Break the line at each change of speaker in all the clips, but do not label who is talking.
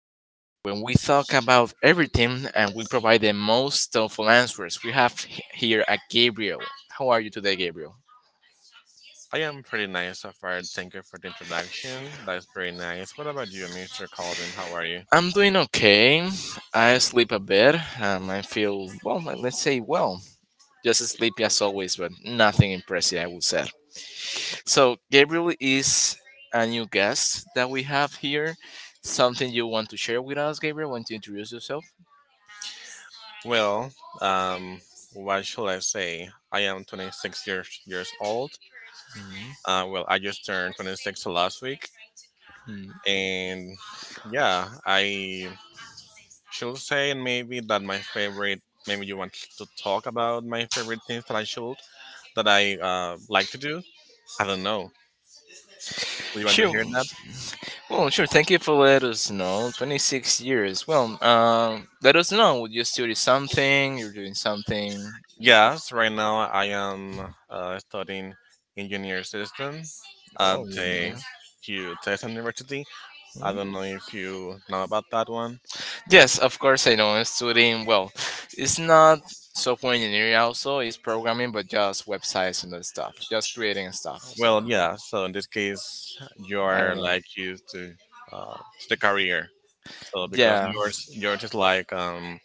Whatever, when we talk about everything and we provide the most thoughtful answers. We have here a Gabriel. How are you today, Gabriel?
I am pretty nice so far. Thank you for the introduction. That's very nice. What about you, Mr. Calvin? How are you?
I'm doing okay. I sleep a bit. I feel, well, let's say, well, just sleepy as always, but nothing impressive, I would say. So, Gabriel is a new guest that we have here. Something you want to share with us, Gabriel? Want to introduce yourself?
Well, um, what shall I say? I am 26 years old. Well, I just turned 26 last week,
Hmm.
and yeah, I should say maybe that my favorite. Maybe you want to talk about my favorite things that I like to do. I don't know. Do you want to
Sure.
hear that?
Well, sure. Thank you for letting us know. 26 years. Well, let us know. You study something? You're doing something?
Yes, right now I am studying engineer system at
Oh, you
the
know.
Hugh Texas University. I
Hmm?
don't know if you know about that one.
Yes, of course I know. I'm studying. Well, it's not software engineering. Also, it's programming, but just websites and that stuff. Just creating stuff.
Well,
So
yeah. So in this case, you
I don't
are
know.
like used to the career. So because
Yeah.
you're just like um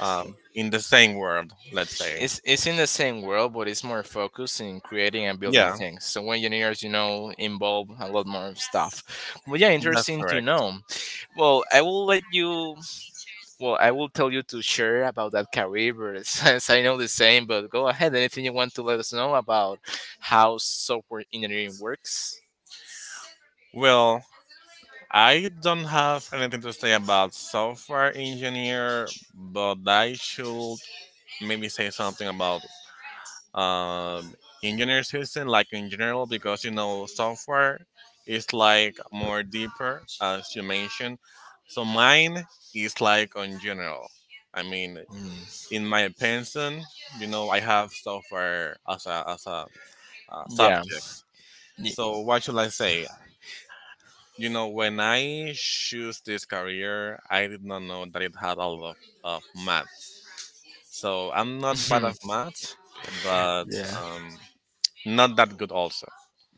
um in the same world, let's say.
It's in the same world, but it's more focused in creating and building
Yeah,
things. So when engineers, you know, involve a lot more stuff. But yeah,
that's
interesting to
correct.
know. Well, I will let you. Well, I will tell you to share about that career, but since I know the same. But go ahead. Anything you want to let us know about how software engineering works?
Well, I don't have anything to say about software engineer, but I should maybe say something about um, engineer system, like in general, because you know software is like more deeper, as you mentioned. So mine is like on general. I mean,
Mm,
in my opinion, you know, I have software as a
yeah.
subject.
Ye-
So what should I say? You know, when I choose this career, I did not know that it had a lot of math. So I'm not bad at math, but
yeah.
um, not that good also.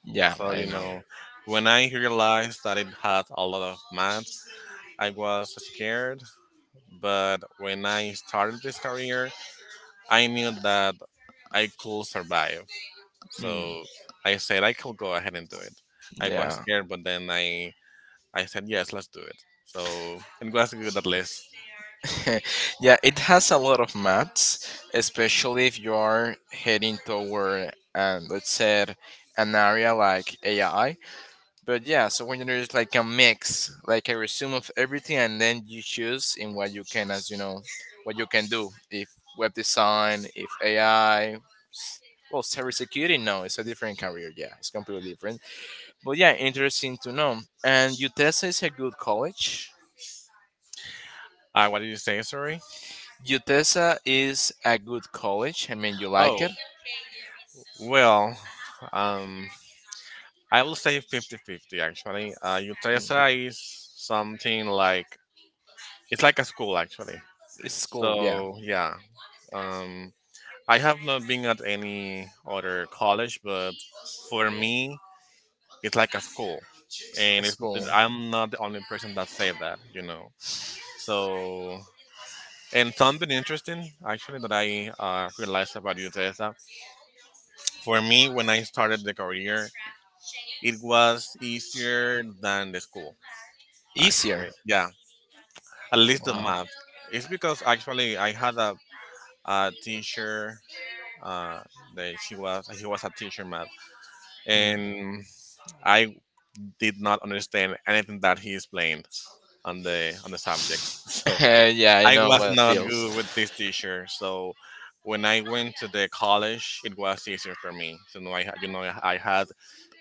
Yeah.
So,
I
you
know.
know, when I realized that it had a lot of math, I was scared. But when I started this career, I knew that I could survive.
Mm,
So I said I could go ahead and do it. I was
yeah.
scared, but then I said, yes, let's do it. So I'm glad to get that list.
yeah, it has a lot of maths, especially if you are heading toward, let's say, an area like AI. But yeah, so when there's like a mix, like a resume of everything, and then you choose in what you can, as you know, what you can do. If web design, if AI, well, cybersecurity, no, it's a different career. Yeah, it's completely different. But yeah, interesting to know. And UTESA is a good college.
What did you say, sorry?
UTESA is a good college. I mean, you like
Oh,
it?
well, um, I will say fifty-fifty, actually.
Mm,
UTSA is something like, it's like a school, actually.
it's cool, yeah.
So, yeah. Um, I have not been at any other college, but for me, it's like a school. And
It's
it's,
cool.
I'm not the only person that say that. So And something interesting, actually, that I realized about you, Teresa, for me, when I started the career, it was easier than the school,
Easier.
actually. Yeah, at least the
Wow.
math. It's because actually I had a teacher uh, that she was he was a teacher math,
Hmm.
and I did not understand anything that he explained on the subject.
yeah, I
I
know
was
what it
not
feels.
good with this teacher, so when I went to the college, it was easier for me. So now I had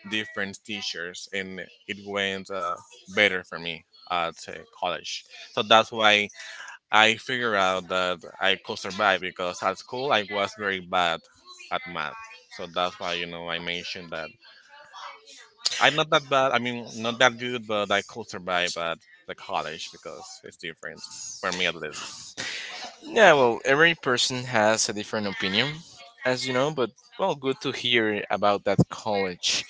different teachers, and it went better for me at college. So that's why I figured out that I could survive because at school I was very bad at math. So that's why I mentioned that I'm not that bad. I mean, not that good, but I could survive at the college because it's different for me at least.
Yeah, well, every person has a different opinion, as you know, but well, good to hear about that college.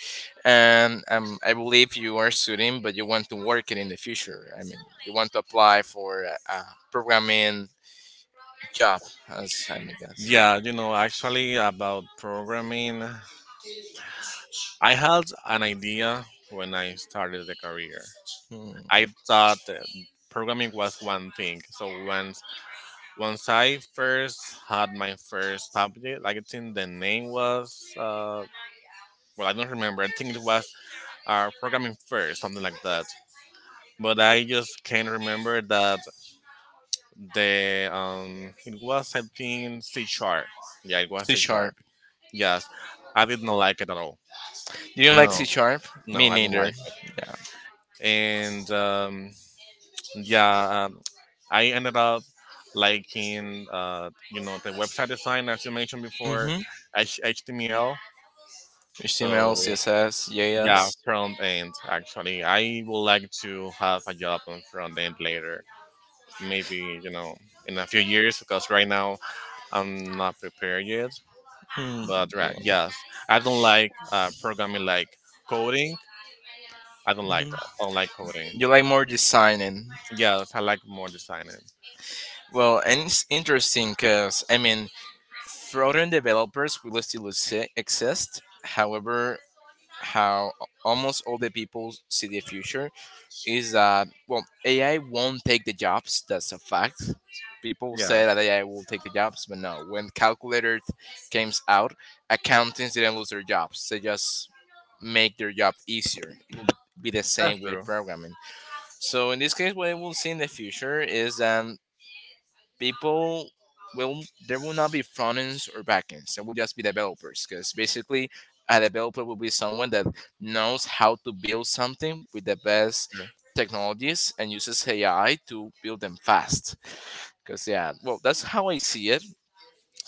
And I believe you are studying, but you want to work it in the future. I mean, you want to apply for a programming job, as I'm guess.
Yeah, you know, actually about programming, I had an idea when I started the career.
Hmm.
I thought that programming was one thing. So once I first had my first subject, like, I think the name was well, I don't remember. I think it was programming first, something like that. But I just can't remember that the it was I think C sharp. Yeah, it was
C
C sharp.
sharp.
Yes, I didn't like it at all.
Do you like C
No,
sharp?
no,
Me
I didn't
neither.
like it.
Yeah.
And yeah, I ended up liking, the website design as you mentioned before,
Mm-hmm.
HTML.
HTML,
So
CSS,
yeah,
JS.
front end. Actually, I would like to have a job on front end later. Maybe in a few years because right now I'm not prepared yet.
Hmm.
But right,
Yeah.
yes, I don't like programming like coding. I don't like
Hmm.
that. I don't like coding.
You like more designing.
Yes, I like more designing.
Well, and it's interesting because I mean, frontend developers will still exist. However, how almost all the people see the future is that well, AI won't take the jobs. That's a fact. People say
Yes,
that AI will take the jobs, but no. When calculator came out, accountants didn't lose their jobs. They just make their job easier. It will be the
that's
same with
true.
programming. So in this case, what I will see in the future is that people will there will not be front ends or back ends. There will just be developers because basically a developer will be someone that knows how to build something with the best
Sure.
technologies and uses AI to build them fast. Because yeah, well that's how I see it.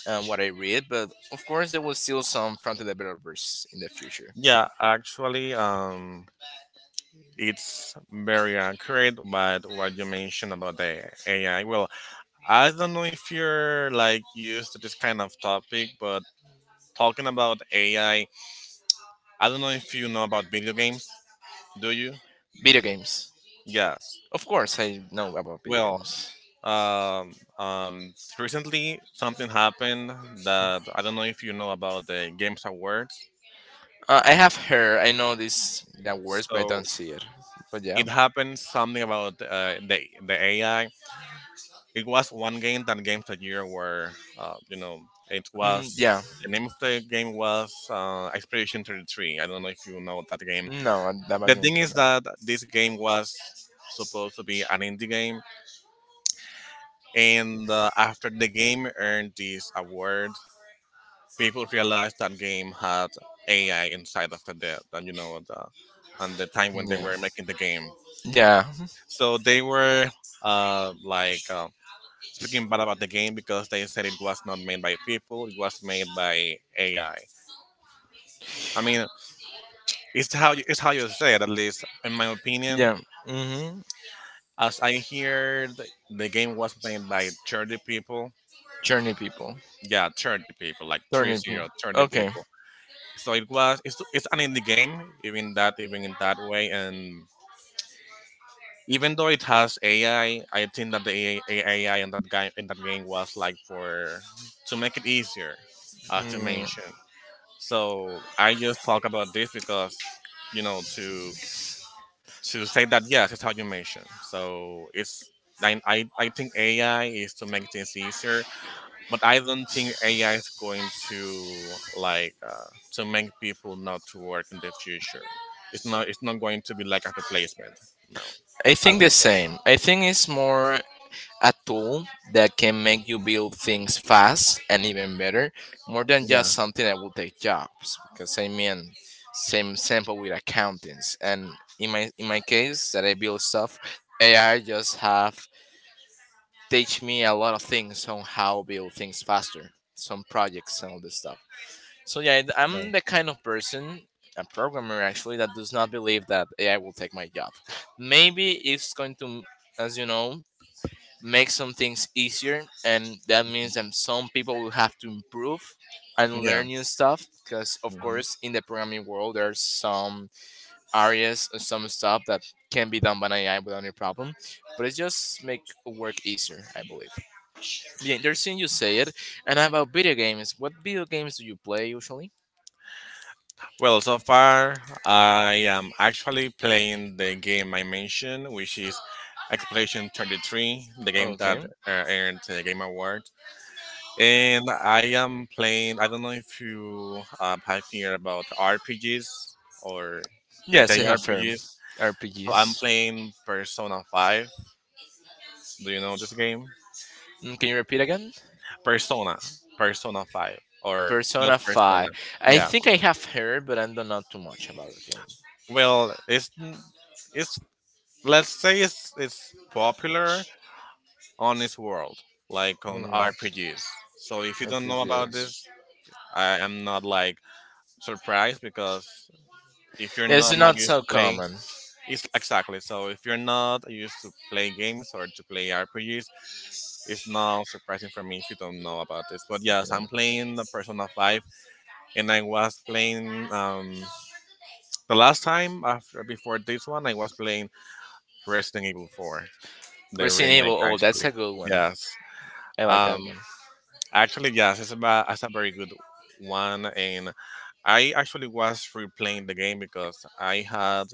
And what I read, but of course there will still some front end developers in the future.
Yeah, actually, it's very accurate. But what you mentioned about the AI, well, I don't know if you're like used to this kind of topic, but talking about AI, I don't know if you know about video games. Do you?
Video games,
Yes.
of course I know about video
Well,
games.
um, um, recently something happened that I don't know if you know about the Games Awards.
I have heard, I know this that words, but I
So
don't see it. But yeah,
it happened something about the AI. It was one game that Games a Year were, uh, you know, it
hmm, yeah.
was the name of the game was Expedition 33. I don't know if you know that game.
No, I- that back
The
in the
thing
day,
is
no.
that this game was supposed to be an indie game, and after the game earned this award, people realized that game had AI inside of the depth, and the time when they
Yeah,
were making the game,
yeah,
so they were like speaking bad about the game because they said it was not made by people, it was made by AI. I mean, it's how you say it, at least in my
mm-hmm.
opinion.
Yeah. Mm-hmm.
As I heard, the game was played by 30 people.
Journey people,
Yeah, 30 people, like three
journey people.
zero thirty
Okay.
people. So it's an indie game, even that, even in that way. And even though it has AI, I think that the AI, in that game was like for, to make it easier, to
Mm.
mention. So I just talk about this because, you know, to, to say that, yes, it's how you mention. So I think AI is to make things easier, but I don't think AI is going to like to make people not to work in the future. It's not. It's not going to be like a replacement. No,
I
I
think
don't
the same. I think it's more a tool that can make you build things fast and even better, more than
think. Yeah.
just something that will take jobs. Because I mean, same sample with accountants, and in my case, that I build stuff, AI just have teach me a lot of things on how build things faster, some projects and all this stuff. So yeah, I'm
Right.
the kind of person, a programmer actually, that does not believe that AI will take my job. Maybe it's going to, as you know, make some things easier, and that means that some people will have to improve and
Yeah.
learn new stuff. Because of
Mhm.
course, in the programming world, there's some areas, or some stuff that can be done by AI without any problem. But it just make work easier, I believe. Yeah, interesting you say it. And about video games, what video games do you play usually?
Well, so far I am actually playing the game I mentioned, which is Exploration 33, the game that
Okay.
earned the Game Award. And I am playing. I don't know if you have heard about the RPGs or
Yes, I have heard
JRPGs. So I'm
RPGs.
playing Persona Five. Do you know this game?
Mm, can you repeat again?
Persona, Persona Five, or
Persona
just Persona?
5. I
Yeah.
think I have heard, but I don't know too much about the game.
Well, it's let's say it's popular on this world, like on
Hmm,
RPGs. So if you don't know about
RPGs.
this, I am not like surprised because if you're
It's
not like
not
used
so
to play
common.
it's exactly. So if you're not used to play games or to play RPGs, it's not surprising for me if you don't know about this, but yes, I'm playing the Persona 5, and I was playing the last time, after before this one I was playing Resident Evil 4, the
Resident
remake
Evil, oh, that's
actually.
a good one.
Yes,
I like that
um
one.
actually, yes, it's a very good one. And I actually was replaying the game because I had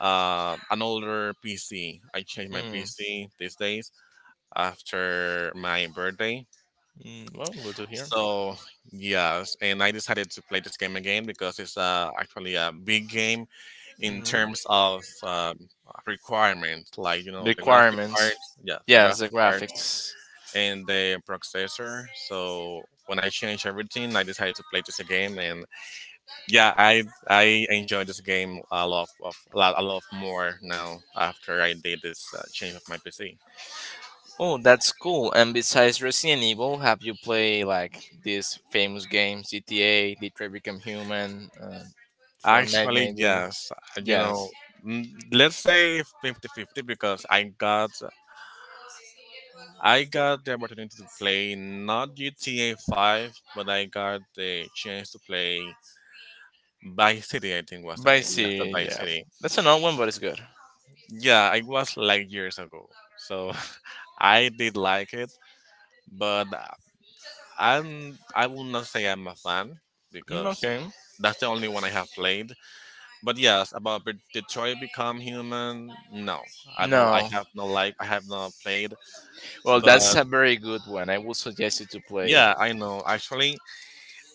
an older PC. I changed my
Hmm.
PC these days after my birthday.
Mm, well, good to hear.
So yes, and I decided to play this game again because it's actually a big game in
Hmm.
terms of requirements, like the graphic part,
Requirements.
yeah, the
Yes,
graphic
the
part
graphics.
and the processor. So when I changed everything, I decided to play this again, and yeah, I enjoy this game a lot of a lot more now after I did this change of my PC.
Oh, that's cool! And besides Resident Evil, have you played like these famous games, GTA, Detroit Become Human, Fortnite
Actually,
maybe?
yes,
Yes.
let's say fifty-fifty because I got the opportunity to play not GTA 5, but I got the chance to play Vice City, I think was the name.
Vice
Yeah, the
City,
Vice
yeah.
City.
That's an old one, but it's good.
Yeah, it was like years ago. So I did like it, but I will not say I'm a fan
Mm,
because
okay.
that's the only one I have played. But yes, about Detroit Become Human, no, I don't. I
No.
have no like. I have not played.
Well,
But
that's a very good one. I would suggest you to play it.
yeah, I know. Actually,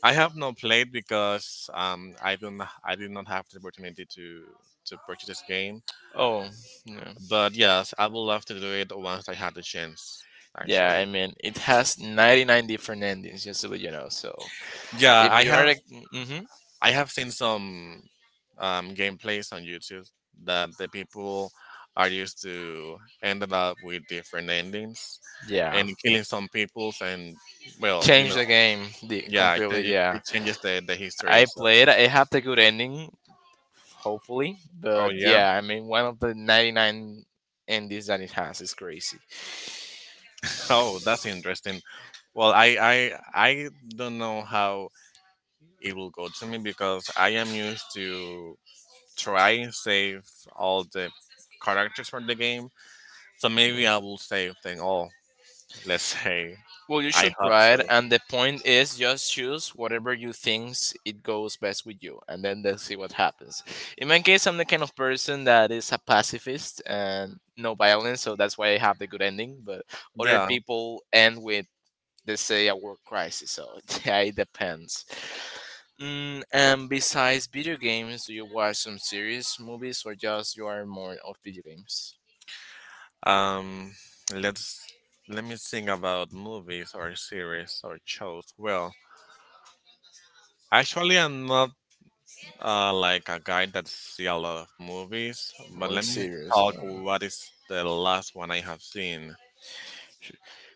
I have not played because I did not have the opportunity to purchase this game.
Oh, yeah.
But yes, I would love to do it once I had the chance.
Yeah, I
Actually,
mean, it has 99 different endings, just so that you know. So,
yeah,
if you are like, mm-hmm,
I have seen some gameplays on YouTube that the people are used to ended up with different endings
yeah.
and killing some peoples, and well,
Change the game the,
yeah, it,
completely.
it,
Yeah,
it changes the history.
I
So,
played. I have the good ending, hopefully.
oh
But
yeah.
yeah, I mean, one of the 99 endings that it has is crazy.
Oh, that's interesting. Well, I don't know how it will go to me because I am used to try and save all the characters for the game, so
Mhm.
maybe I will save them all. Let's say.
Well, you
I
should
hope
try
so.
it, and the point is just choose whatever you thinks it goes best with you, and then let's see what happens. In my case, I'm the kind of person that is a pacifist and no violence, so that's why I have the good ending. But other
Yeah.
people end with they say a work crisis. So yeah, it depends. Mm, and besides video games, do you watch some series, movies, or just you are more of video games
Um. Let's Let me think about movies or series or shows. Well, actually, I'm not like a guy that see a lot of movies, but
or
let me
series?
talk. What is the last one I have seen?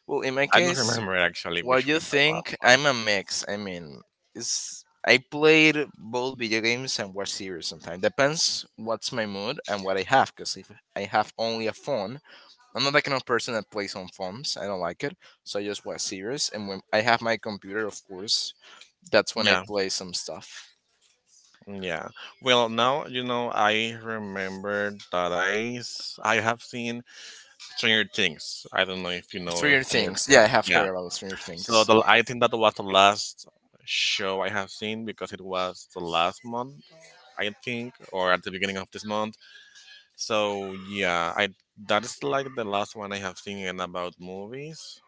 Well, in my
I don't
case,
remember actually
what
which
you
one the last
think?
one.
I'm a mix. I mean, it's I played both video games and watch series sometimes. Depends what's my mood and what I have. Cause if I have only a phone, I'm not that kind of person that plays on phones. I don't like it, so I just watch series. And when I have my computer, of course, that's when I
Yeah,
play some stuff.
yeah. Well, now I remember that I have seen Stranger Things. I don't know if you know
Stranger
Stranger
Things. Yeah, I
Things.
have
Yeah.
heard about Stranger
So
Things.
I think that was the last show I have seen because it was the last month, I think, or at the beginning of this month. So yeah, I that is like the last one I have seen in about movies.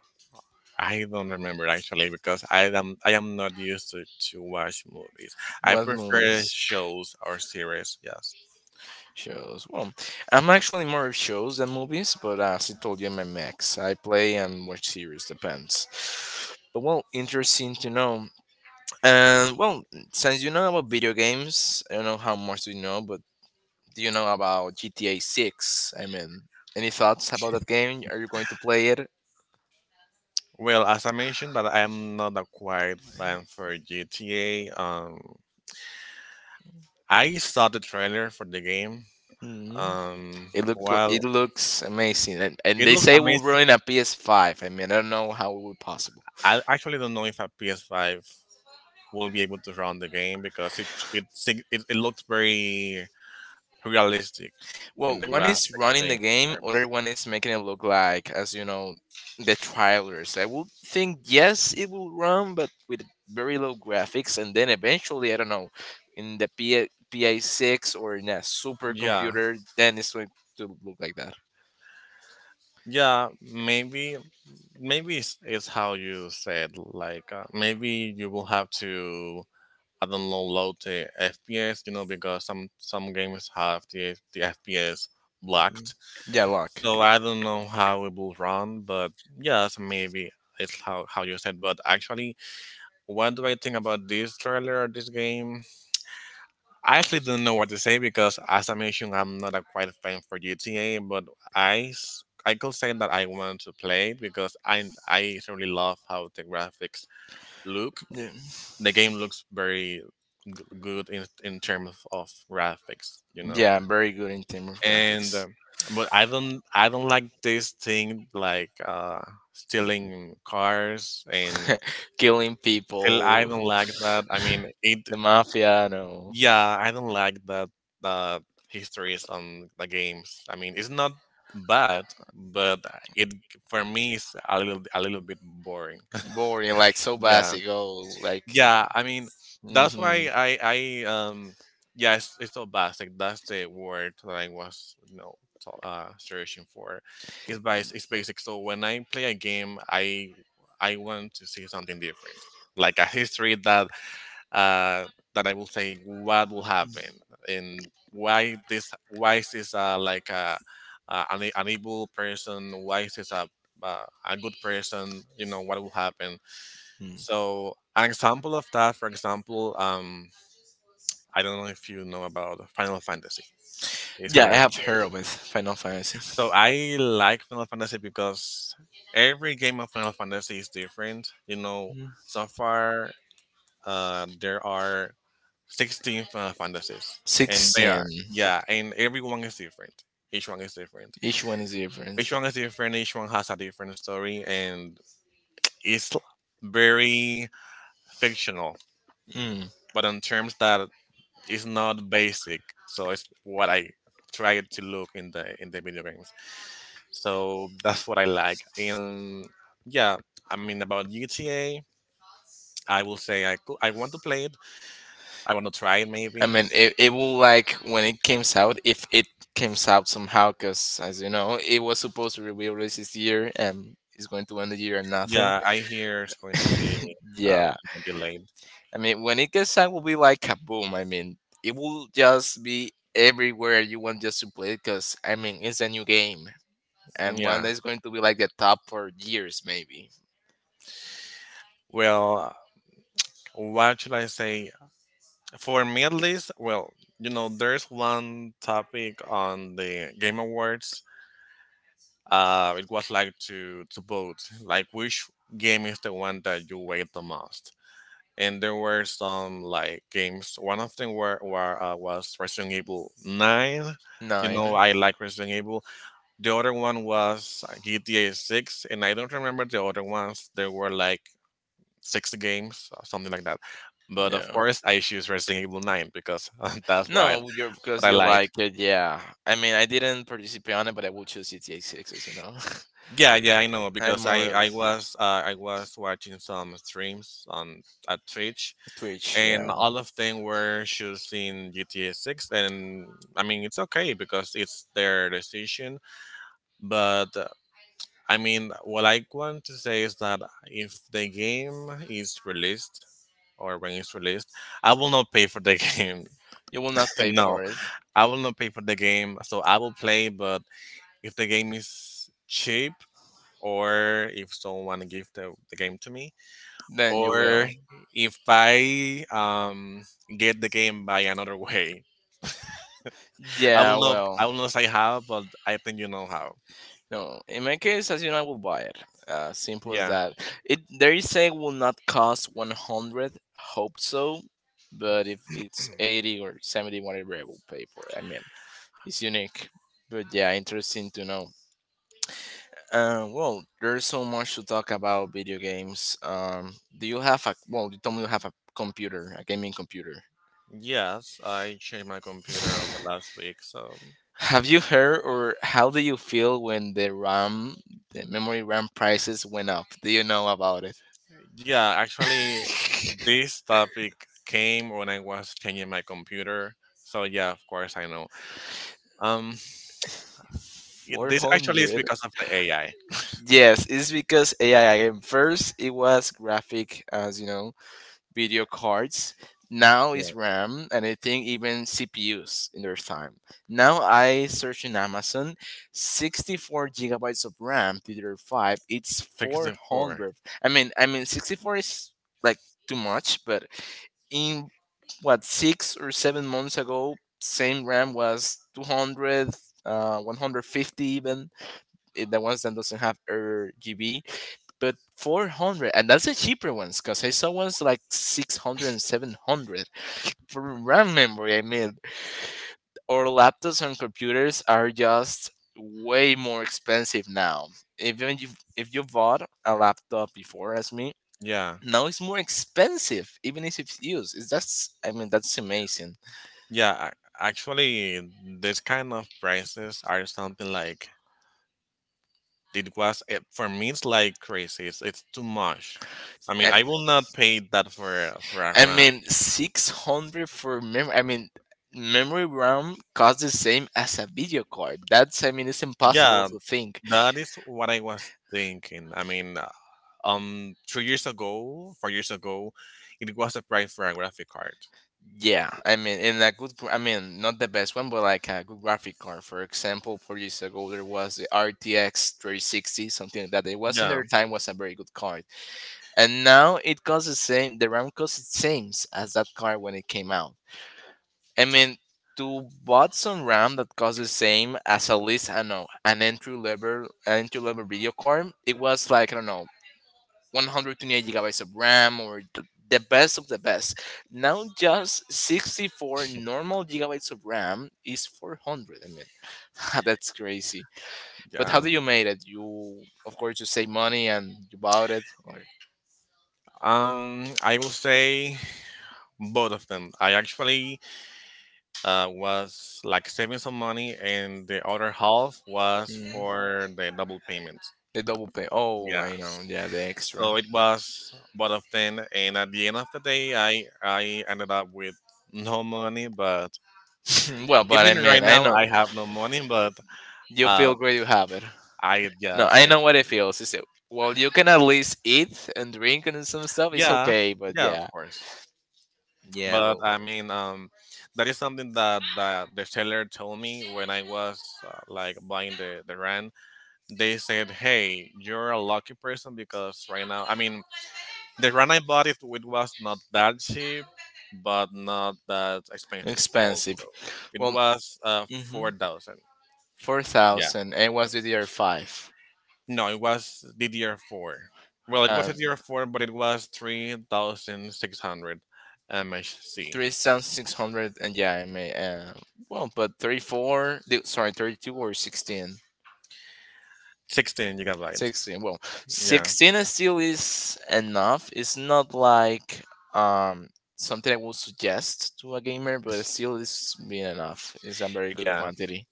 I don't remember actually because I am not used to watch movies. I
What
prefer
movies?
shows or series. Yes.
Shows. Well, I'm actually more of shows than movies, but as I told you, I'm a mix. I play and watch series, depends. But well, interesting to know. And well, since you know about video games, I don't know how much do you know, but do you know about GTA 6? I mean, any thoughts about that game? Are you going to play it?
Well, as I mentioned, that I am not a quite fan for GTA. I saw the trailer for the game.
Mm-hmm. It it
While
looks amazing, and
It
they
looks
say it will run
amazing.
in PS5. I mean, I don't know how it would possible.
I actually don't know if a PS5 will be able to run the game because it looks very realistic in
Well,
the
one is
graphic
running the
thing
game, other
terms.
one is making it look like, as you know, the trailers. I would think yes, it will run, but with very low graphics, and then eventually, I don't know, in the PA, PA6 or in a
Yeah,
supercomputer, then it's going to look like that.
yeah. Maybe it's how you said. Like, maybe you will have to, I don't know, load the FPS. You know, because some games have the FPS
Mm.
blocked.
Yeah, luck.
So I don't know how it will run, but yes, maybe it's how you said. But actually, what do I think about this trailer or this game? I actually don't know what to say because, as I mentioned, I'm not a quite a fan for GTA, but I could say that I want to play it because I really love how the graphics look.
Yeah,
The game looks very good in terms of graphics.
yeah, I'm very good in terms of
And
graphics,
but I don't like this thing like, stealing cars. And
killing
I
people.
don't like that. I mean, it
The Mafia, no.
yeah, I don't like that, uh, histories on the games. I mean, it's not bad, but it for me is a little bit boring.
Boring, like so
Yeah,
basic. Oh, like.
yeah. I mean, that's
Hmm.
why it's so basic. That's the word that I was searching for. It's basic. So when I play a game, I want to see something different, like a history uh, that I will say what will happen, and why is this, like, an evil person, why is this a good person, you know what will happen. So an example of that, for example, I don't know if you know about Final Fantasy. it's
Yeah,
an
I have heard of it. Final Fantasy.
so I like Final Fantasy because every game of Final Fantasy is different.
Mm.
So far, there are 16 Final Fantasies, and they
16.
are yeah, and everyone is different. Each one is different.
Each one is different.
Each one is different. Each one has a different story, and it's very fictional,
Mm.
but in terms that it's not basic. So it's what I try to look in the video games. So that's what I like. And yeah, I mean, about GTA, I will say I want to play it. I want to try it
I
maybe.
mean, it will like when it came out, if it came out somehow, because as you know, it was supposed to be released this year and it's going to end the year and nothing.
Yeah, I hear it's going to be, uh,
Yeah,
delayed.
I mean, when it gets out, will be like kaboom. I mean, it will just be everywhere you want just to play because I mean, it's a new game and one
Yeah.
that's going to be like the top for years, maybe
Well, what should I say? For me at least, well, there's one topic on the Game Awards. It was like to vote, like which game is the one that you wait the most. And there were some like games. One of them were was Resident Evil Nine.
nine.
I like Resident Evil. The other one was, GTA 6, and I don't remember the other ones. There were like six games or something like that. But of
Yeah,
course, I choose Resident Evil 9 because that's what I,
no, you're
what
because
I
you're
like.
like, yeah. I mean, I didn't participate on it, but I will choose GTA Six, as you know.
Yeah, yeah, I know
I'm
because
more
I
of
I was uh, I was watching some streams on at Twitch,
Twitch.
and
Yeah,
all of them were choosing GTA 6, and I mean it's okay because it's their decision. But I mean, what I want to say is that if the game is released or when it's released, I will not pay for the game.
you will not pay
No,
for it,
I will not pay for the game. So I will play, but if the game is cheap, or if someone give the game to me,
then you
or
will.
if I, get the game by another way, I
Yeah,
will not
well,
I will not say how, but I think you know how.
no. In my case, as you know, I will buy it. Simple as
Yeah.
that. It they say will not cost 100. Hope so, but if it's 80 or 70, whatever, I will pay for it. I mean, it's unique, but yeah, interesting to know. Well, there's so much to talk about video games. Do you have a well? You told me you have a computer, a gaming computer.
Yes, I changed my computer over the last week. So,
Have you heard or how do you feel when the RAM, the memory RAM prices went up? Do you know about it?
yeah, actually, this topic came when I was changing my computer. So, yeah, of course, I know. Um, this actually is
400.
because of the AI.
Yes, it's because AI again. First, it was graphic, as you know, video cards. Now
Yeah,
it's RAM, and I think even CPUs in their time. Now I search in Amazon, 64 gigabytes of RAM, DDR5. It's four
Pixel 4.
hundred. I mean, 64 is like too much, but in what 6 or 7 months ago, same RAM was 200, 150 even. The ones that doesn't have RGB but 400, and that's the cheaper ones because I saw ones like 600 and 700 for RAM memory. I mean, our laptops and computers are just way more expensive now, even if you bought a laptop before as me.
Yeah.
Now it's more expensive, even if it's used. It's that's I mean, that's amazing.
Yeah, actually, this kind of prices are something like. It was, it, for me. It's like crazy. It's too much. I mean,
And
I will not pay that for a
I
run.
mean 600 for memory. I mean, memory RAM costs the same as a video card. That's, I mean, it's impossible
Yeah,
to think.
that is what I was thinking. I mean, 3 years ago, 4 years ago, it was the price for a graphic card.
Yeah, I mean, in a good, I mean, not the best one, but like a good graphic card. For example, 4 years ago, there was the RTX 3060, something like that. It was, in
Yeah,
their time, was a very good card, and now it costs the same. The RAM costs the same as that card when it came out. I mean, to bought some RAM that costs the same as, at least I don't know, an entry level video card. It was like, I don't know, 128 gigabytes of RAM, or the best of the best. Now just 64 normal gigabytes of RAM is 400. I mean, that's crazy. But how
yeah.
do you made it? You, of course, you save money and you bought it, or
I will say both of them. I actually, was like saving some money, and the other half was
Mhm.
for the double payment.
The double pay. Oh,
Yeah.
I know. Yeah, the extra.
So it was both of them, and at the end of the day, I ended up with no money. But
Well, but I
even right
mean, I
now,
know
I have no money. But,
you
uh,
feel great. You have it.
I
No,
guess.
I
I
know what it feels. Is. Well, you can at least eat and drink and some stuff. It's
Yeah,
okay, but
yeah, of
yeah,
course.
yeah,
But
well,
I mean, that is something that the seller told me when I was, like, buying the rent. They said, "Hey, you're a lucky person because right now, I mean." The granite body it was not that cheap, but not that expensive also.
expensive.
It
Well,
was,
mm-hmm,
4000. Yeah.
4,000, and was the year 5.
No, it was DDR four. Well, it was
Um,
DDR four, but it was 3600 MHC.
3,600, and yeah, I may, well, but 34, sorry, 32 or 16?
16 gigabytes.
16, well,
Yeah,
16 is still is enough. It's not like um something I would suggest to a gamer, but still is being enough. It's a very good
yeah,
quantity.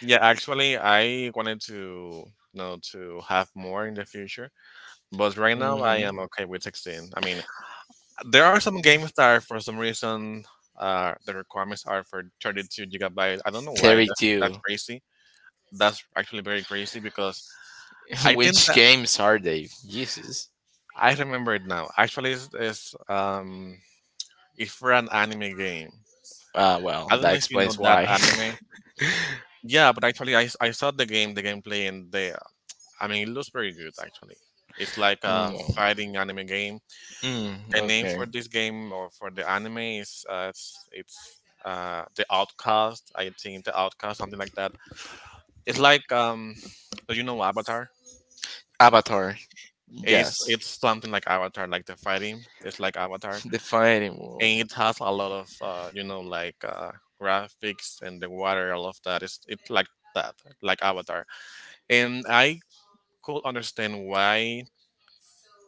yeah. Actually, I wanted to you know to have more in the future, but right now I
Mm-hmm.
am okay with 16. I mean, there are some games that are, for some reason, the requirements are for 32 gigabyte. I don't know why. That,
32.
that's crazy. That's actually very crazy because I think
Which
that
games are they? Jesus.
I remember it now. Actually, it's for an anime game.
Well,
I don't
that
know if you know
explains
that
why.
anime. Yeah, but actually, I saw the game, the gameplay, and the I mean, it looks very good. Actually, it's like
Mm,
a
well,
fighting anime game.
Mm,
The name
okay.
for this game, or for the anime, is it's the Outcast. I think the Outcast, something like that. It's like, do you know Avatar?
Avatar.
It's
Yes.
something like Avatar, like the fighting. It's like Avatar,
The fighting world.
and it
I
has a lot of, like, graphics and the water, all of that. It's like that, like Avatar, and I could understand why.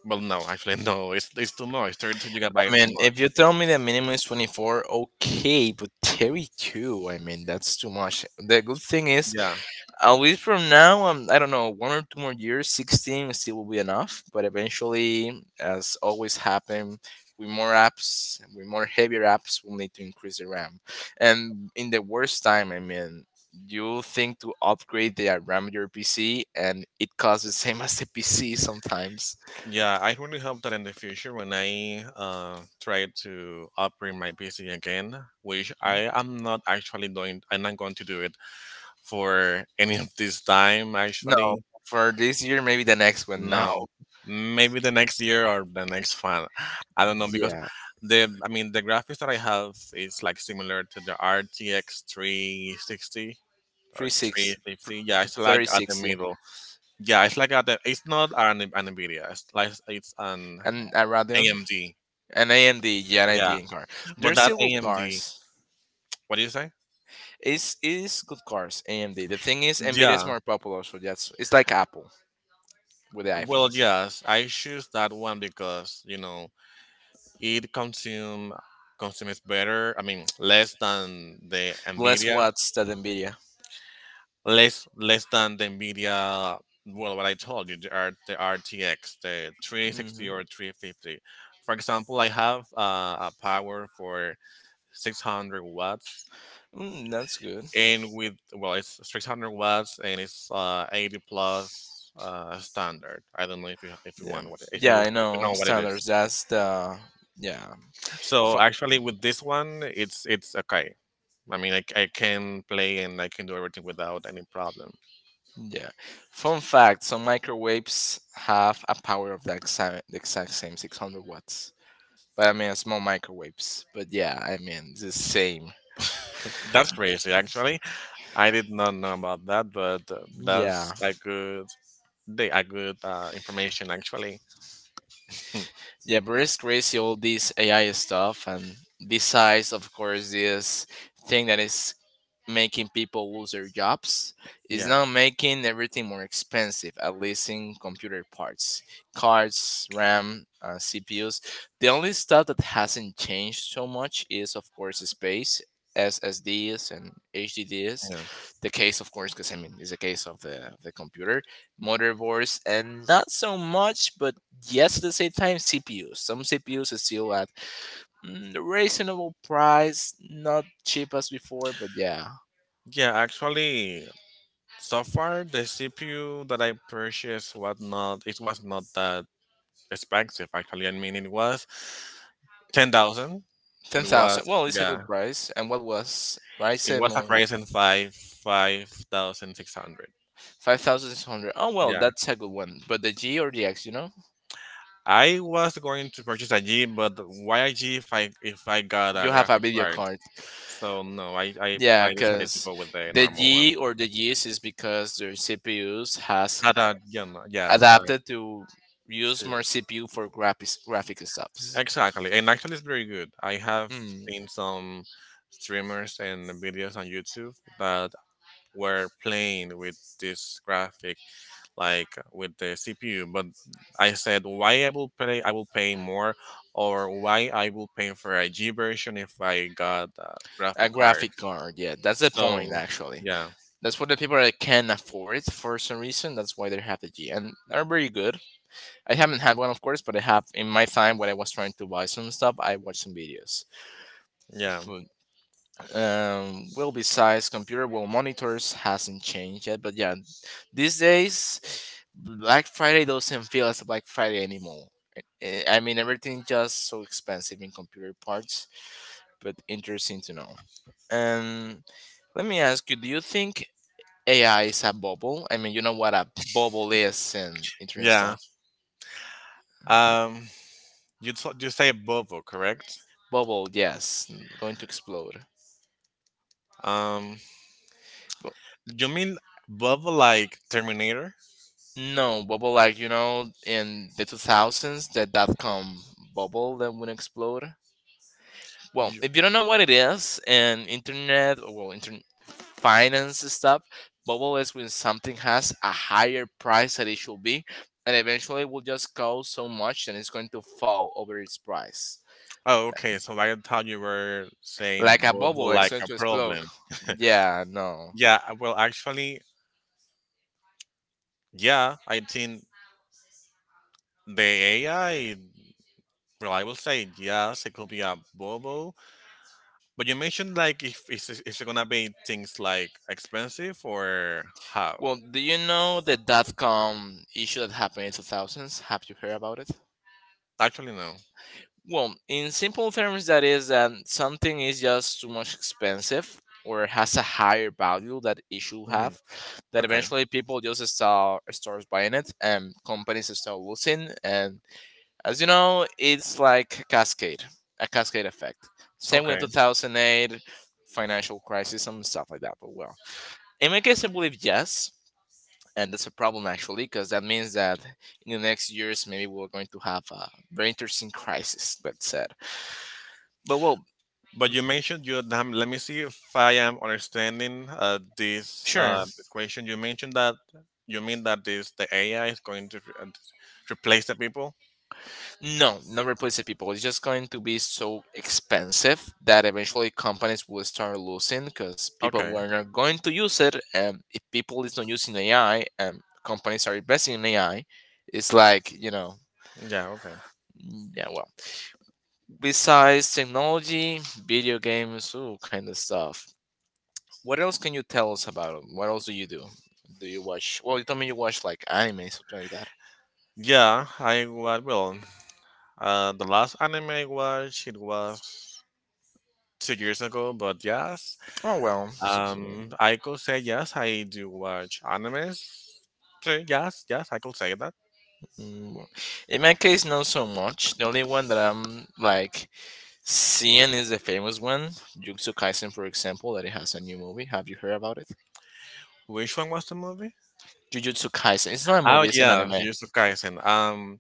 Well, no, actually, no. It's too much. 32 gigabytes too
mean,
much.
if you tell me the minimum is 24, okay, but 32, I mean, that's too much. The good thing is,
Yeah.
at least from now, I don't know, one or two more years, 16 still will be enough. But eventually, as always happen, with more apps, with more heavier apps, we'll need to increase the RAM. And in the worst time, I mean, you'll think to upgrade the RAM of your PC, and it costs the same as the PC sometimes.
Yeah, I really hope that in the future, when I, try to operate my PC again, which I am not actually doing, I'm not going to do it for any of this time,
No,
actually.
for this year, maybe the next one. Now,
No. Maybe the next year or the next one. I don't know because,
yeah,
the I mean, the graphics that I have is like similar to the RTX 360 or
360.
350. Yeah, it's like at the middle. Yeah, it's like, it's not an Nvidia. It's like it's an
And a Radeon?
AMD.
An AMD, yeah, an
Yeah,
AMD car.
but
They're
that
still good
AMD,
cars.
what do you say?
It's good cars. AMD. The thing is, Nvidia is
Yeah.
more popular, so that's it's like Apple with the
Well,
iPhones.
yes, I choose that one because, it consumes better. I mean, less than the
Less
Nvidia,
watts than Nvidia.
less than the Nvidia. Well, what I told you, the RTX, the
hmm
360 or 350. For example, I have, a power for 600 watts,
That's good.
and with well, it's 600 watts and it's 80 plus, standard. I don't know if you, if you
Yeah,
want what if
yeah,
you,
I
if you
know
know what it is.
standards. That's the, yeah.
So
Fu-
actually with this one, it's okay. I mean I can play, and I can do everything without any problem.
yeah. Fun fact: some microwaves have a power of the exact same 600 watts. But I mean, small microwaves. But yeah, I mean, it's the same.
That's crazy actually. I did not know about that, but,
Yeah.
that's a good, information actually.
Yeah, but it's crazy all this AI stuff, and besides, of course, this thing that is making people lose their jobs. It's
Yeah.
now making everything more expensive, at least in computer parts, cards, RAM, CPUs. The only stuff that hasn't changed so much is, of course, space. SSDs and HDDs.
Yeah.
The case, of course, because I mean, it's a case of the computer, motherboards, and not so much, but yes, at the same time, CPUs. Some CPUs are still at, reasonable price, not cheap as before, but yeah,
Yeah, actually, so far the CPU that I purchased was not that expensive actually. I mean it was 10,000.
Ten
It was.
thousand. Well, it's a
Yeah.
good price. And what was,
It
Ryzen
was a
or
Ryzen 5 5600.
5,600? Oh well,
Yeah.
that's a good one. But the G or the X,
I was going to purchase a G, but why a G if I got a
you have a
graphic
video
card?
card.
So no, I I
Yeah,
I decided to
because
go with the
the
normal one.
G or the Gs is because their CPUs has
Had a, yes, I
adapted to use
too.
more CPU for graphics graphic stuffs.
Exactly, and actually, it's very good. I have
Mm,
seen some streamers and videos on YouTube that were playing with this graphic, like with the CPU. But I said, why I will pay? I will pay more, or why I will pay for a G version if I got a
a
graphic card.
graphic card, yeah, that's the point
So
actually.
yeah,
That's for the people that can afford it for some reason. That's why they have the G, and are very good. I haven't had one, of course, but I have in my time when I was trying to buy some stuff. I watched some videos.
yeah.
But, well, besides computer, well, monitors hasn't changed yet. But yeah, these days, Black Friday doesn't feel as a Black Friday anymore. I mean, everything just so expensive in computer parts, but interesting to know. Um, Let me ask you: do you think AI is a bubble? I mean, you know what a bubble is, and internet
Yeah,
stuff.
Um, you say Bubble, correct?
Bubble, yes, going to explode.
Um, you mean Bubble like Terminator?
No, bubble like in the 2000s, that .com bubble that would explode. Well,
You,
if you don't know what it is in internet, or well, internet finance stuff, bubble is when something has a higher price that it should be, and eventually will just cost so much that it's going to fall over its price,
oh, okay. So I thought you were saying
like a bubble
Bubble
that's
like
going
a
to explode.
problem.
Yeah, no.
Yeah. Well, actually, yeah. I think the AI. Well, I will say yes. It could be a Bubble. But you mentioned like if is it gonna be things like expensive or how?
Well, do you know the .com issue that happened in 2000s? Have you heard about it?
Actually, no.
Well, in simple terms, that is that something is just too much expensive, or has a higher value that it should
Hmm.
have, that
Okay.
eventually people just starts buying it, and companies start losing. And as you know, it's like a cascade effect. Same with
Okay.
2008 financial crisis and stuff like that. But well, in my case, I believe yes. And that's a problem actually, because that means that in the next years, maybe we're going to have a very interesting crisis. That said. But well.
But you mentioned you let me see if I am understanding this
Sure.
this question. You mentioned that you mean that this the AI is going to replace the people.
No, not replace the people. It's just going to be so expensive that eventually companies will start losing, because people
Okay.
were not going to use it. And if people is not using AI, and companies are investing in AI, it's like,
Yeah. Okay.
yeah, well. Besides technology, video games, ooh, kind of stuff. What else can you tell us about it? What else do you do? Do you watch? Well, you told me you watch like anime, something like that.
Yeah. Well, the last anime I watched it was 2 years ago, but yeah.
Oh well, so, yeah.
I could say yes, I do watch animes. So yes, yes, I could say that.
Well, in my case, not so much. The only one that I'm like seeing is the famous one, Jujutsu Kaisen, for example, that it has a new movie. Have you heard about it?
Which one was the movie?
Jujutsu Kaisen. It's not a
Oh
movie, it's an
yeah,
anime.
Jujutsu Kaisen.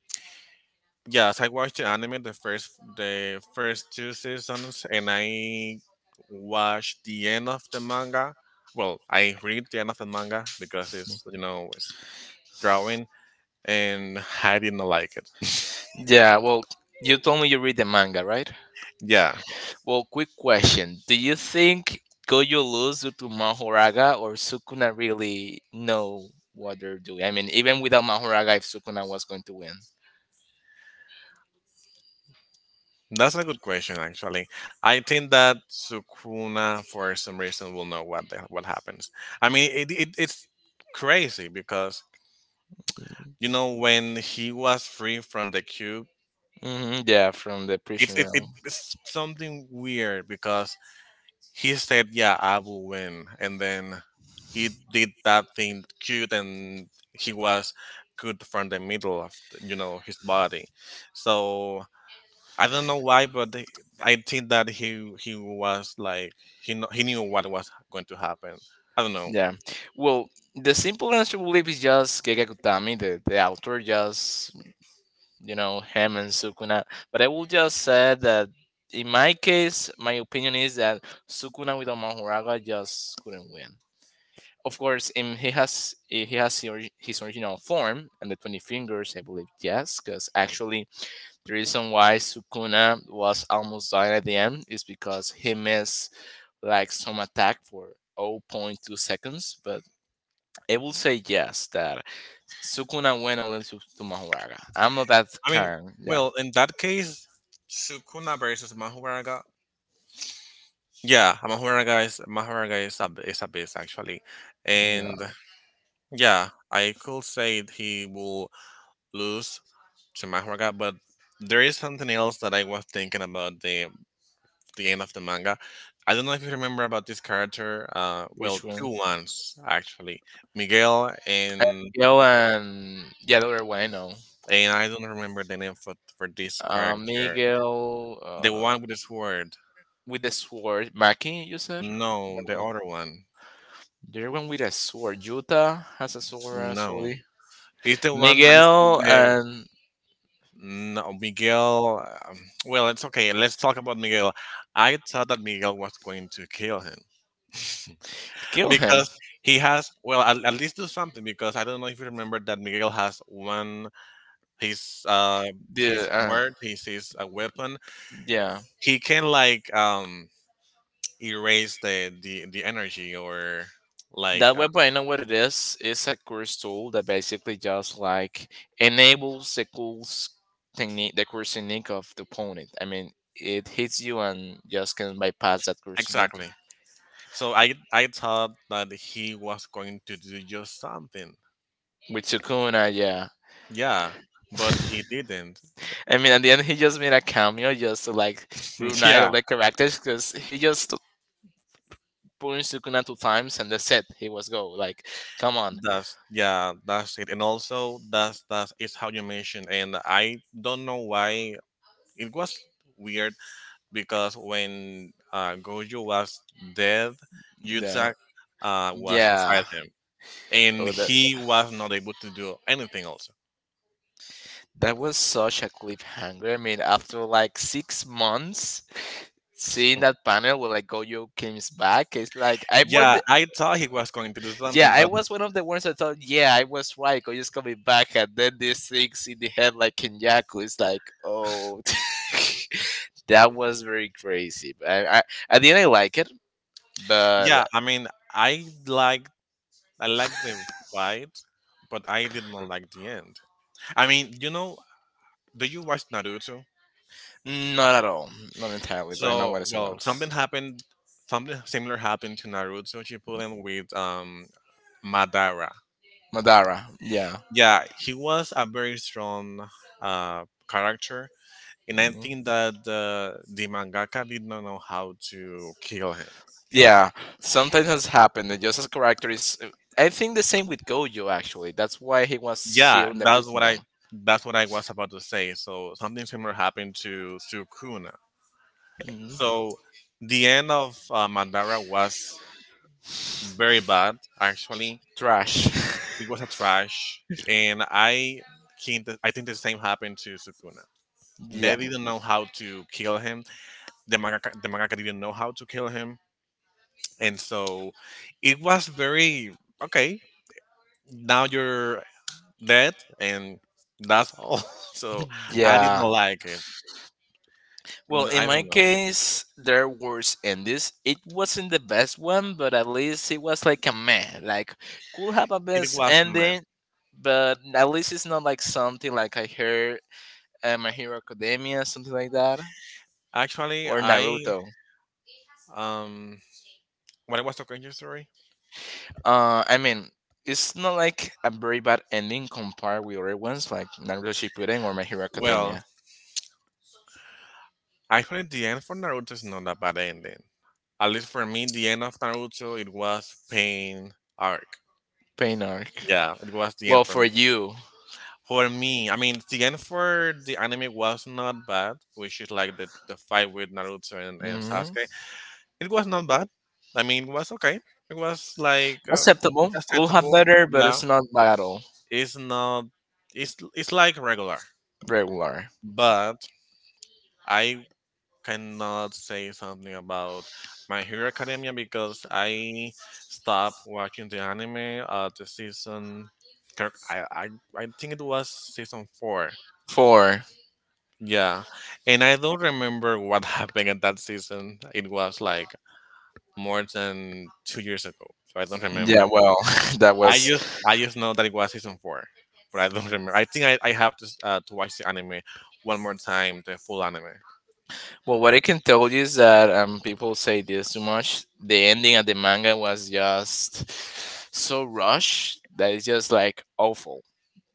Yes, I watched the anime the first two seasons, and I watched the end of the manga. Well, I read the end of the manga because it's it's drawing, and I didn't like it.
Yeah, well, you told me you read the manga, right?
Yeah,
Well, quick question. Do you think Gojo lose due to Mahoraga, or Sukuna really know what they're doing? I mean, even without Mahoraga, if Sukuna was going to win.
that's a good question, actually. I think that Sukuna, for some reason, will know what happens. I mean, it it's crazy because you know when he was free from the cube,
Hmm, yeah, from the prison realm.
it's something weird because he said, "Yeah, I will win," and then he did that thing cute, and he was good from the middle of you know his body. So I don't know why, I think that he was like he knew what was going to happen. I don't know.
Yeah. Well, the simple answer, we believe, is just Gege Kutami, the author. Just, him and Sukuna. But I will just say that in my case, my opinion is that Sukuna without Mahoraga just couldn't win. Of course, he has his original form and the 20 fingers, I believe, yes, because actually the reason why Sukuna was almost dying at the end is because he missed like some attack for zero point 0.2 seconds, but I will say yes that Sukuna went on to Mahoraga. I'm not that
I mean,
kind. Yeah.
well, in that case, Sukuna versus Mahuaraga. Yeah, Mahuaraga is a beast actually, and
Yeah.
yeah, I could say he will lose to Mahuaraga, but there is something else that I was thinking about the end of the manga. I don't know if you remember about this character.
Which
Well, two
one?
ones actually. Miguel,
Yo and yeah, the other one I know.
and I don't remember the name for this character.
Miguel,
The one with the sword.
with the sword. Maki, you said?
No, the
No.
other one.
The other one with a sword. Yuta has a sword
No.
actually.
It's the one that is with
Miguel
the
and
No, Miguel. Um, well, it's okay. Let's talk about Miguel. I thought that Miguel was going to kill him
kill him.
because he has well at least do something because I don't know if you remember that Miguel has one. He's uh,
The,
he's word, he's a weapon.
yeah.
He can like um, erase the energy or like
That web, I know what it is. It's a course tool that basically just like enables the course technique of the opponent. I mean, it hits you and just can bypass that course technique.
exactly. So I thought that he was going to do just something.
With Sukuna, yeah.
Yeah, but he didn't.
I mean, at the end, he just made a cameo just to like reunite all
Yeah,
the characters, because he just punched Sukuna two times and that's it. He was go. Like, come on.
that's it. And also that's that is how you mentioned and I don't know why it was weird because when Gojo was dead,
Yeah.
Yudzak was inside
Yeah.
him, and
Oh, that.
he was not able to do anything. Also,
That was such a cliffhanger. I mean, after like 6 months, seeing that panel where like Gojo comes back, it's like I wonder.
yeah, I thought he was going to do
Yeah,
something,
I
but
was one of the ones that thought, yeah, I was right. Gojo's coming back, and then these things in the head like Kenyaku. It's like, oh, that was very crazy. But I, at the end, I like it, but
yeah, I mean, I like I like the fight, but I did not like the end. I mean, you know, do you watch Naruto?
not at all, not entirely. But I know what
So,
it's
well,
about.
something happened, something similar happened to Naruto Shippuden with Madara.
Madara, yeah.
Yeah, he was a very strong uh, character, and I think that the mangaka did not know how to kill him.
Yeah, sometimes has happened. And just as character is, I think the same with Gojo actually. That's why he was
Yeah,
still in the
that's
prison.
what I
Yeah.
that's what I was about to say. So something similar happened to Sukuna.
Mhm.
So the end of Mandara was very bad actually.
Trash.
It was a trash, and I think the, I think the same happened to Sukuna.
Yeah,
They didn't know how to kill him. The mangaka didn't know how to kill him. And so it was very okay. Now you're dead, and that's all. So I didn't
yeah.
like it.
Well,
N-
in
I
my
don't know.
case, there was endings. It wasn't the best one, but at least it was like a meh. Like could have a
It
best
was meh.
ending, but at least it's not like something like I heard My Hero Academia, something like that,
Actually,
or
I
Naruto.
um, when I was talking your story.
I mean, it's not like a very bad ending compared with other ones like Naruto Shippuden or My Hero
Well,
Academia.
actually, the end for Naruto is not a bad ending. At least for me, the end of Naruto it was pain arc.
Pain arc.
Yeah, it was the end
Well,
for.
for you,
For me, I mean, the end for the anime was not bad, which is like the fight with Naruto and
hmm,
Sasuke. It was not bad. I mean, it was okay. It was like
acceptable. Could have
acceptable.
better, but
Yeah,
it's not bad at all.
it's not. It's like regular,
Regular.
but I cannot say something about My Hero Academia because I stopped watching the anime at the season. Kirk, I I think it was season four.
Four.
Yeah. And I don't remember what happened at that season. It was like more than 2 years ago. So I don't
Yeah,
remember.
well, that was
I just know that it was season four, but I don't remember. I think I have to to watch the anime one more time, the full anime.
well. What I can tell you is that people say this too much. The ending of the manga was just so rushed that it's just like awful.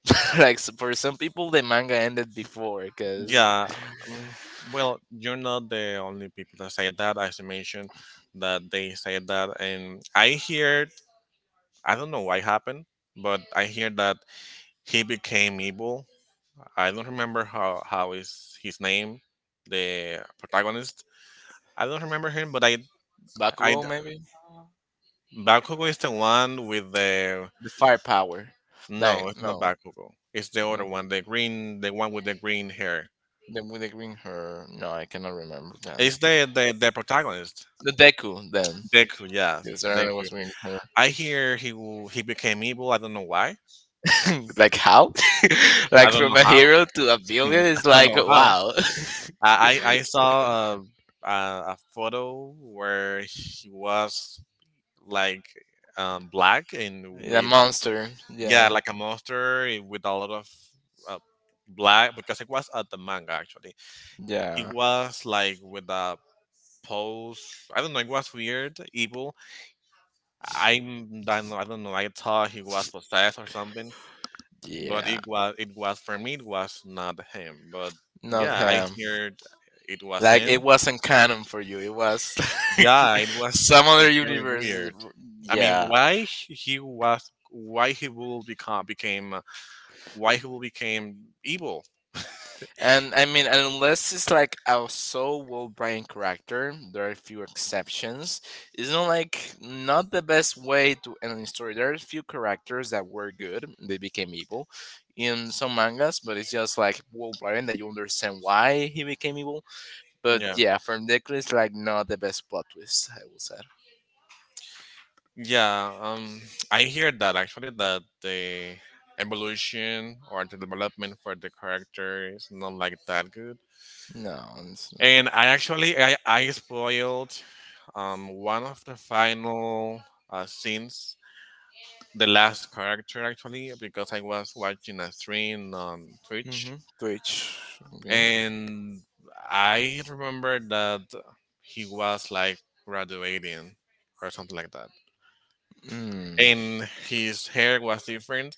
Like for some people, the manga ended before because
Yeah, um, well, you're not the only people that say that. As I mentioned, that they say that, and I hear, I don't know why happened, but I hear that he became evil. I don't remember how is his name, the protagonist. I don't remember him, but I
Bakugo maybe,
Bakugo is the one with the
the firepower. Like
no, it's not
no,
Bakugo. It's the other
no.
one, the green, the one with the green hair.
Then with the green hair, no, I cannot remember then.
It's the protagonist.
The Deku then,
Deku, yeah,
because I don't know
Deku.
what's green hair.
I hear he became evil. I don't know why.
Like how?
I
Like
don't
from
know
a
how.
hero to a
I
villain is
don't
like
know how.
wow,
I saw a a photo where he was like black and
a
with
monster.
yeah
Yeah,
like a monster and with a lot of uh, black because it was at the manga actually. He
yeah,
was like with a pose. I don't know. It was weird, evil. I don't know. I don't know. I thought he was possessed or something, but
yeah.
it was for me it was not him. But
Not
yeah, I
him.
heard it was
Like
him.
it wasn't canon for you. It was like
Yeah, it was
some other
very
universe. Is-
weird. I mean,
Yeah.
why he was why he will become became why he will became evil.
And I mean, unless it's like a so well written character, there are a few exceptions. It's not like not the best way to end a story. There are a few characters that were good, they became evil in some mangas, but it's just like well written that you understand why he became evil. But
Yeah,
yeah, from Deku, it's like not the best plot twist, I will say.
yeah um, I hear that actually that the evolution or the development for the character is not like that good.
No, it's,
And I actually I spoiled um, one of the final scenes, the last character actually, because I was watching a stream on Twitch,
mm-hmm. Twitch. Okay.
and I remember that he was like graduating or something like that,
Mm.
and his hair was different.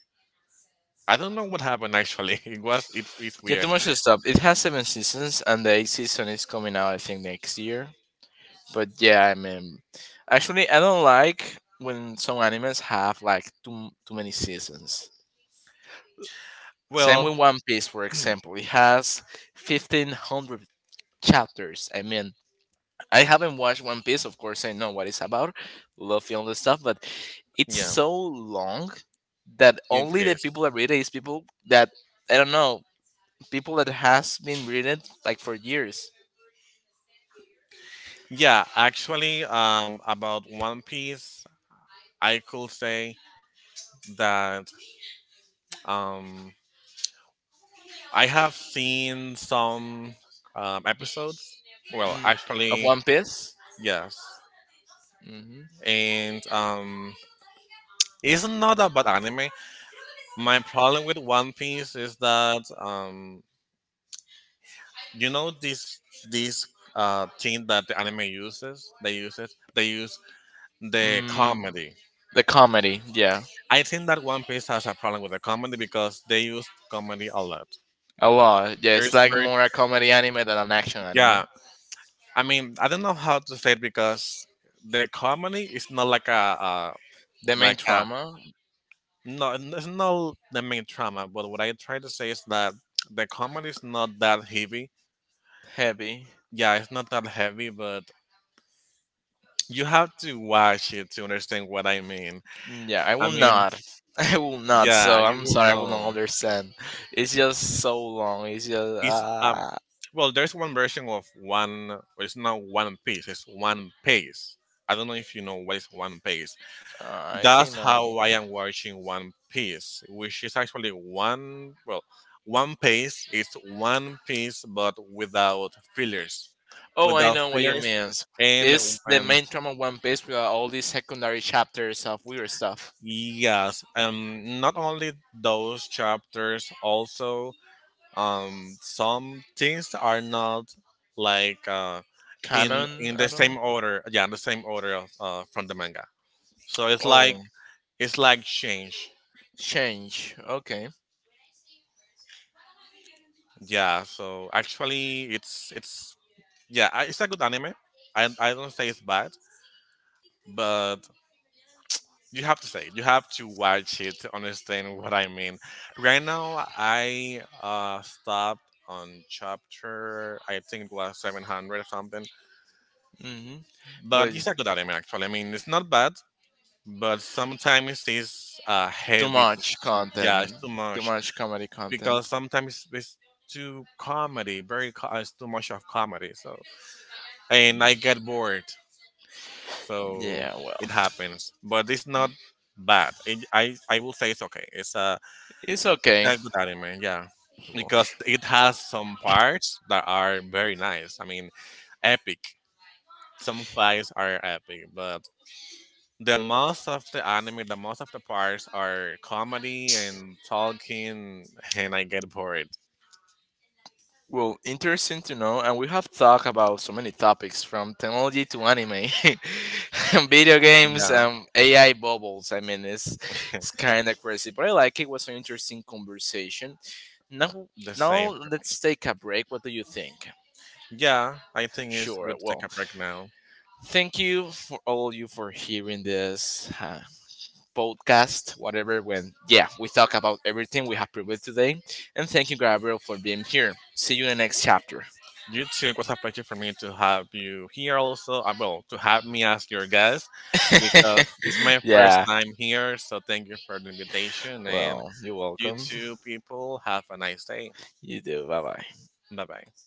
I don't know what happened actually. It was it, it's
Yeah, too
weird.
much stuff. It has seven seasons, and the eighth season is coming out, I think, next year. But yeah, I mean, actually, I don't like when some animes have like too many seasons. Same with
Well,
One Piece, for example, it has 1,500 chapters. I mean, I haven't watched One Piece, of course, I know what it's about, Luffy, all this stuff, but it's
yeah,
so long that
it
only the
is.
people that read it is people that I don't know, people that has been reading it like for years.
Yeah, actually, about One Piece, I could say that um, I have seen some episodes. Well,
Mm. Of
actually,
One Piece?
yes,
Hmm.
and it's not about anime. My problem with One Piece is that you know this thing that the anime uses. They use it. They use the
Mm.
comedy.
The comedy, yeah.
I think that One Piece has a problem with the comedy because they use comedy a lot.
A lot, yeah. It's
There's
like
very
more a comedy anime than an action anime.
yeah. I mean, I don't know how to say it because the comedy is not like a
The main
like a
trauma,
no. It's not the main trauma. But what I try to say is that the comedy is not that heavy.
heavy.
Yeah, it's not that heavy, but you have to watch it to understand what I mean.
Mm, yeah, I
I
will
mean,
not. I will not.
yeah,
So
you
I'm
will
sorry, I will not
know.
understand. It's just so long. It's just
It's well, there's one version of one. Well, it's not one piece. It's one piece. I don't know if you know what is one piece.
I think
That's
no.
how I am watching One Piece, which is actually one. Well, one piece is one piece, but without fillers,
Oh, I
without
know what you
fillers,
mean.
and
It's the
um,
main trama of One Piece with all these secondary chapters of weird stuff.
yes, not only those chapters, also um, some things are not like uh,
Canon
in the
at all?
same order, in the same order of, uh, from the manga. So
Oh,
it's like change.
change. Okay.
Yeah, so actually it's yeah, I- it's a good anime. I don't say it's bad, but you have to watch it to understand what I mean. Right now I uh, stopped on chapter I think it was 700 or something,
Hmm.
but
But
it's a good anime actually. I mean it's not bad, but sometimes it's
too
heavy.
much
Yeah, it's
content.
too
Too
much
much comedy content.
because sometimes it's too comedy, it's too much of comedy. So and I get bored, so
Yeah, well,
it happens. But it's not bad. It, I will say it's okay.
it's
It's
okay.
a good anime. Yeah, because it has some parts that are very nice. I mean, epic. Some fights are epic, but the most of the anime, the most of the parts are comedy and talking, and I get bored.
Well, interesting to know, and we have talked about so many topics from technology to anime, and video games,
Yeah,
AI bubbles. I mean, it's kind of crazy, but I like it. It was an interesting conversation. Now,
the
now
same for me.
let's take a break. What do you think?
Yeah, I think it's
Sure.
good to take
Well,
a break now.
thank you for all you for hearing this podcast, whatever. When yeah, we talk about everything we have previewed today, and thank you, Gabriel, for being here. See you in the next chapter.
You too, it was a pleasure for me to have you here also. I will to have me as your guest because it's my first
Yeah.
time here. So thank you for the invitation, and
Well, you're
you
welcome.
two people have a nice day.
You do. Bye bye.
Bye bye.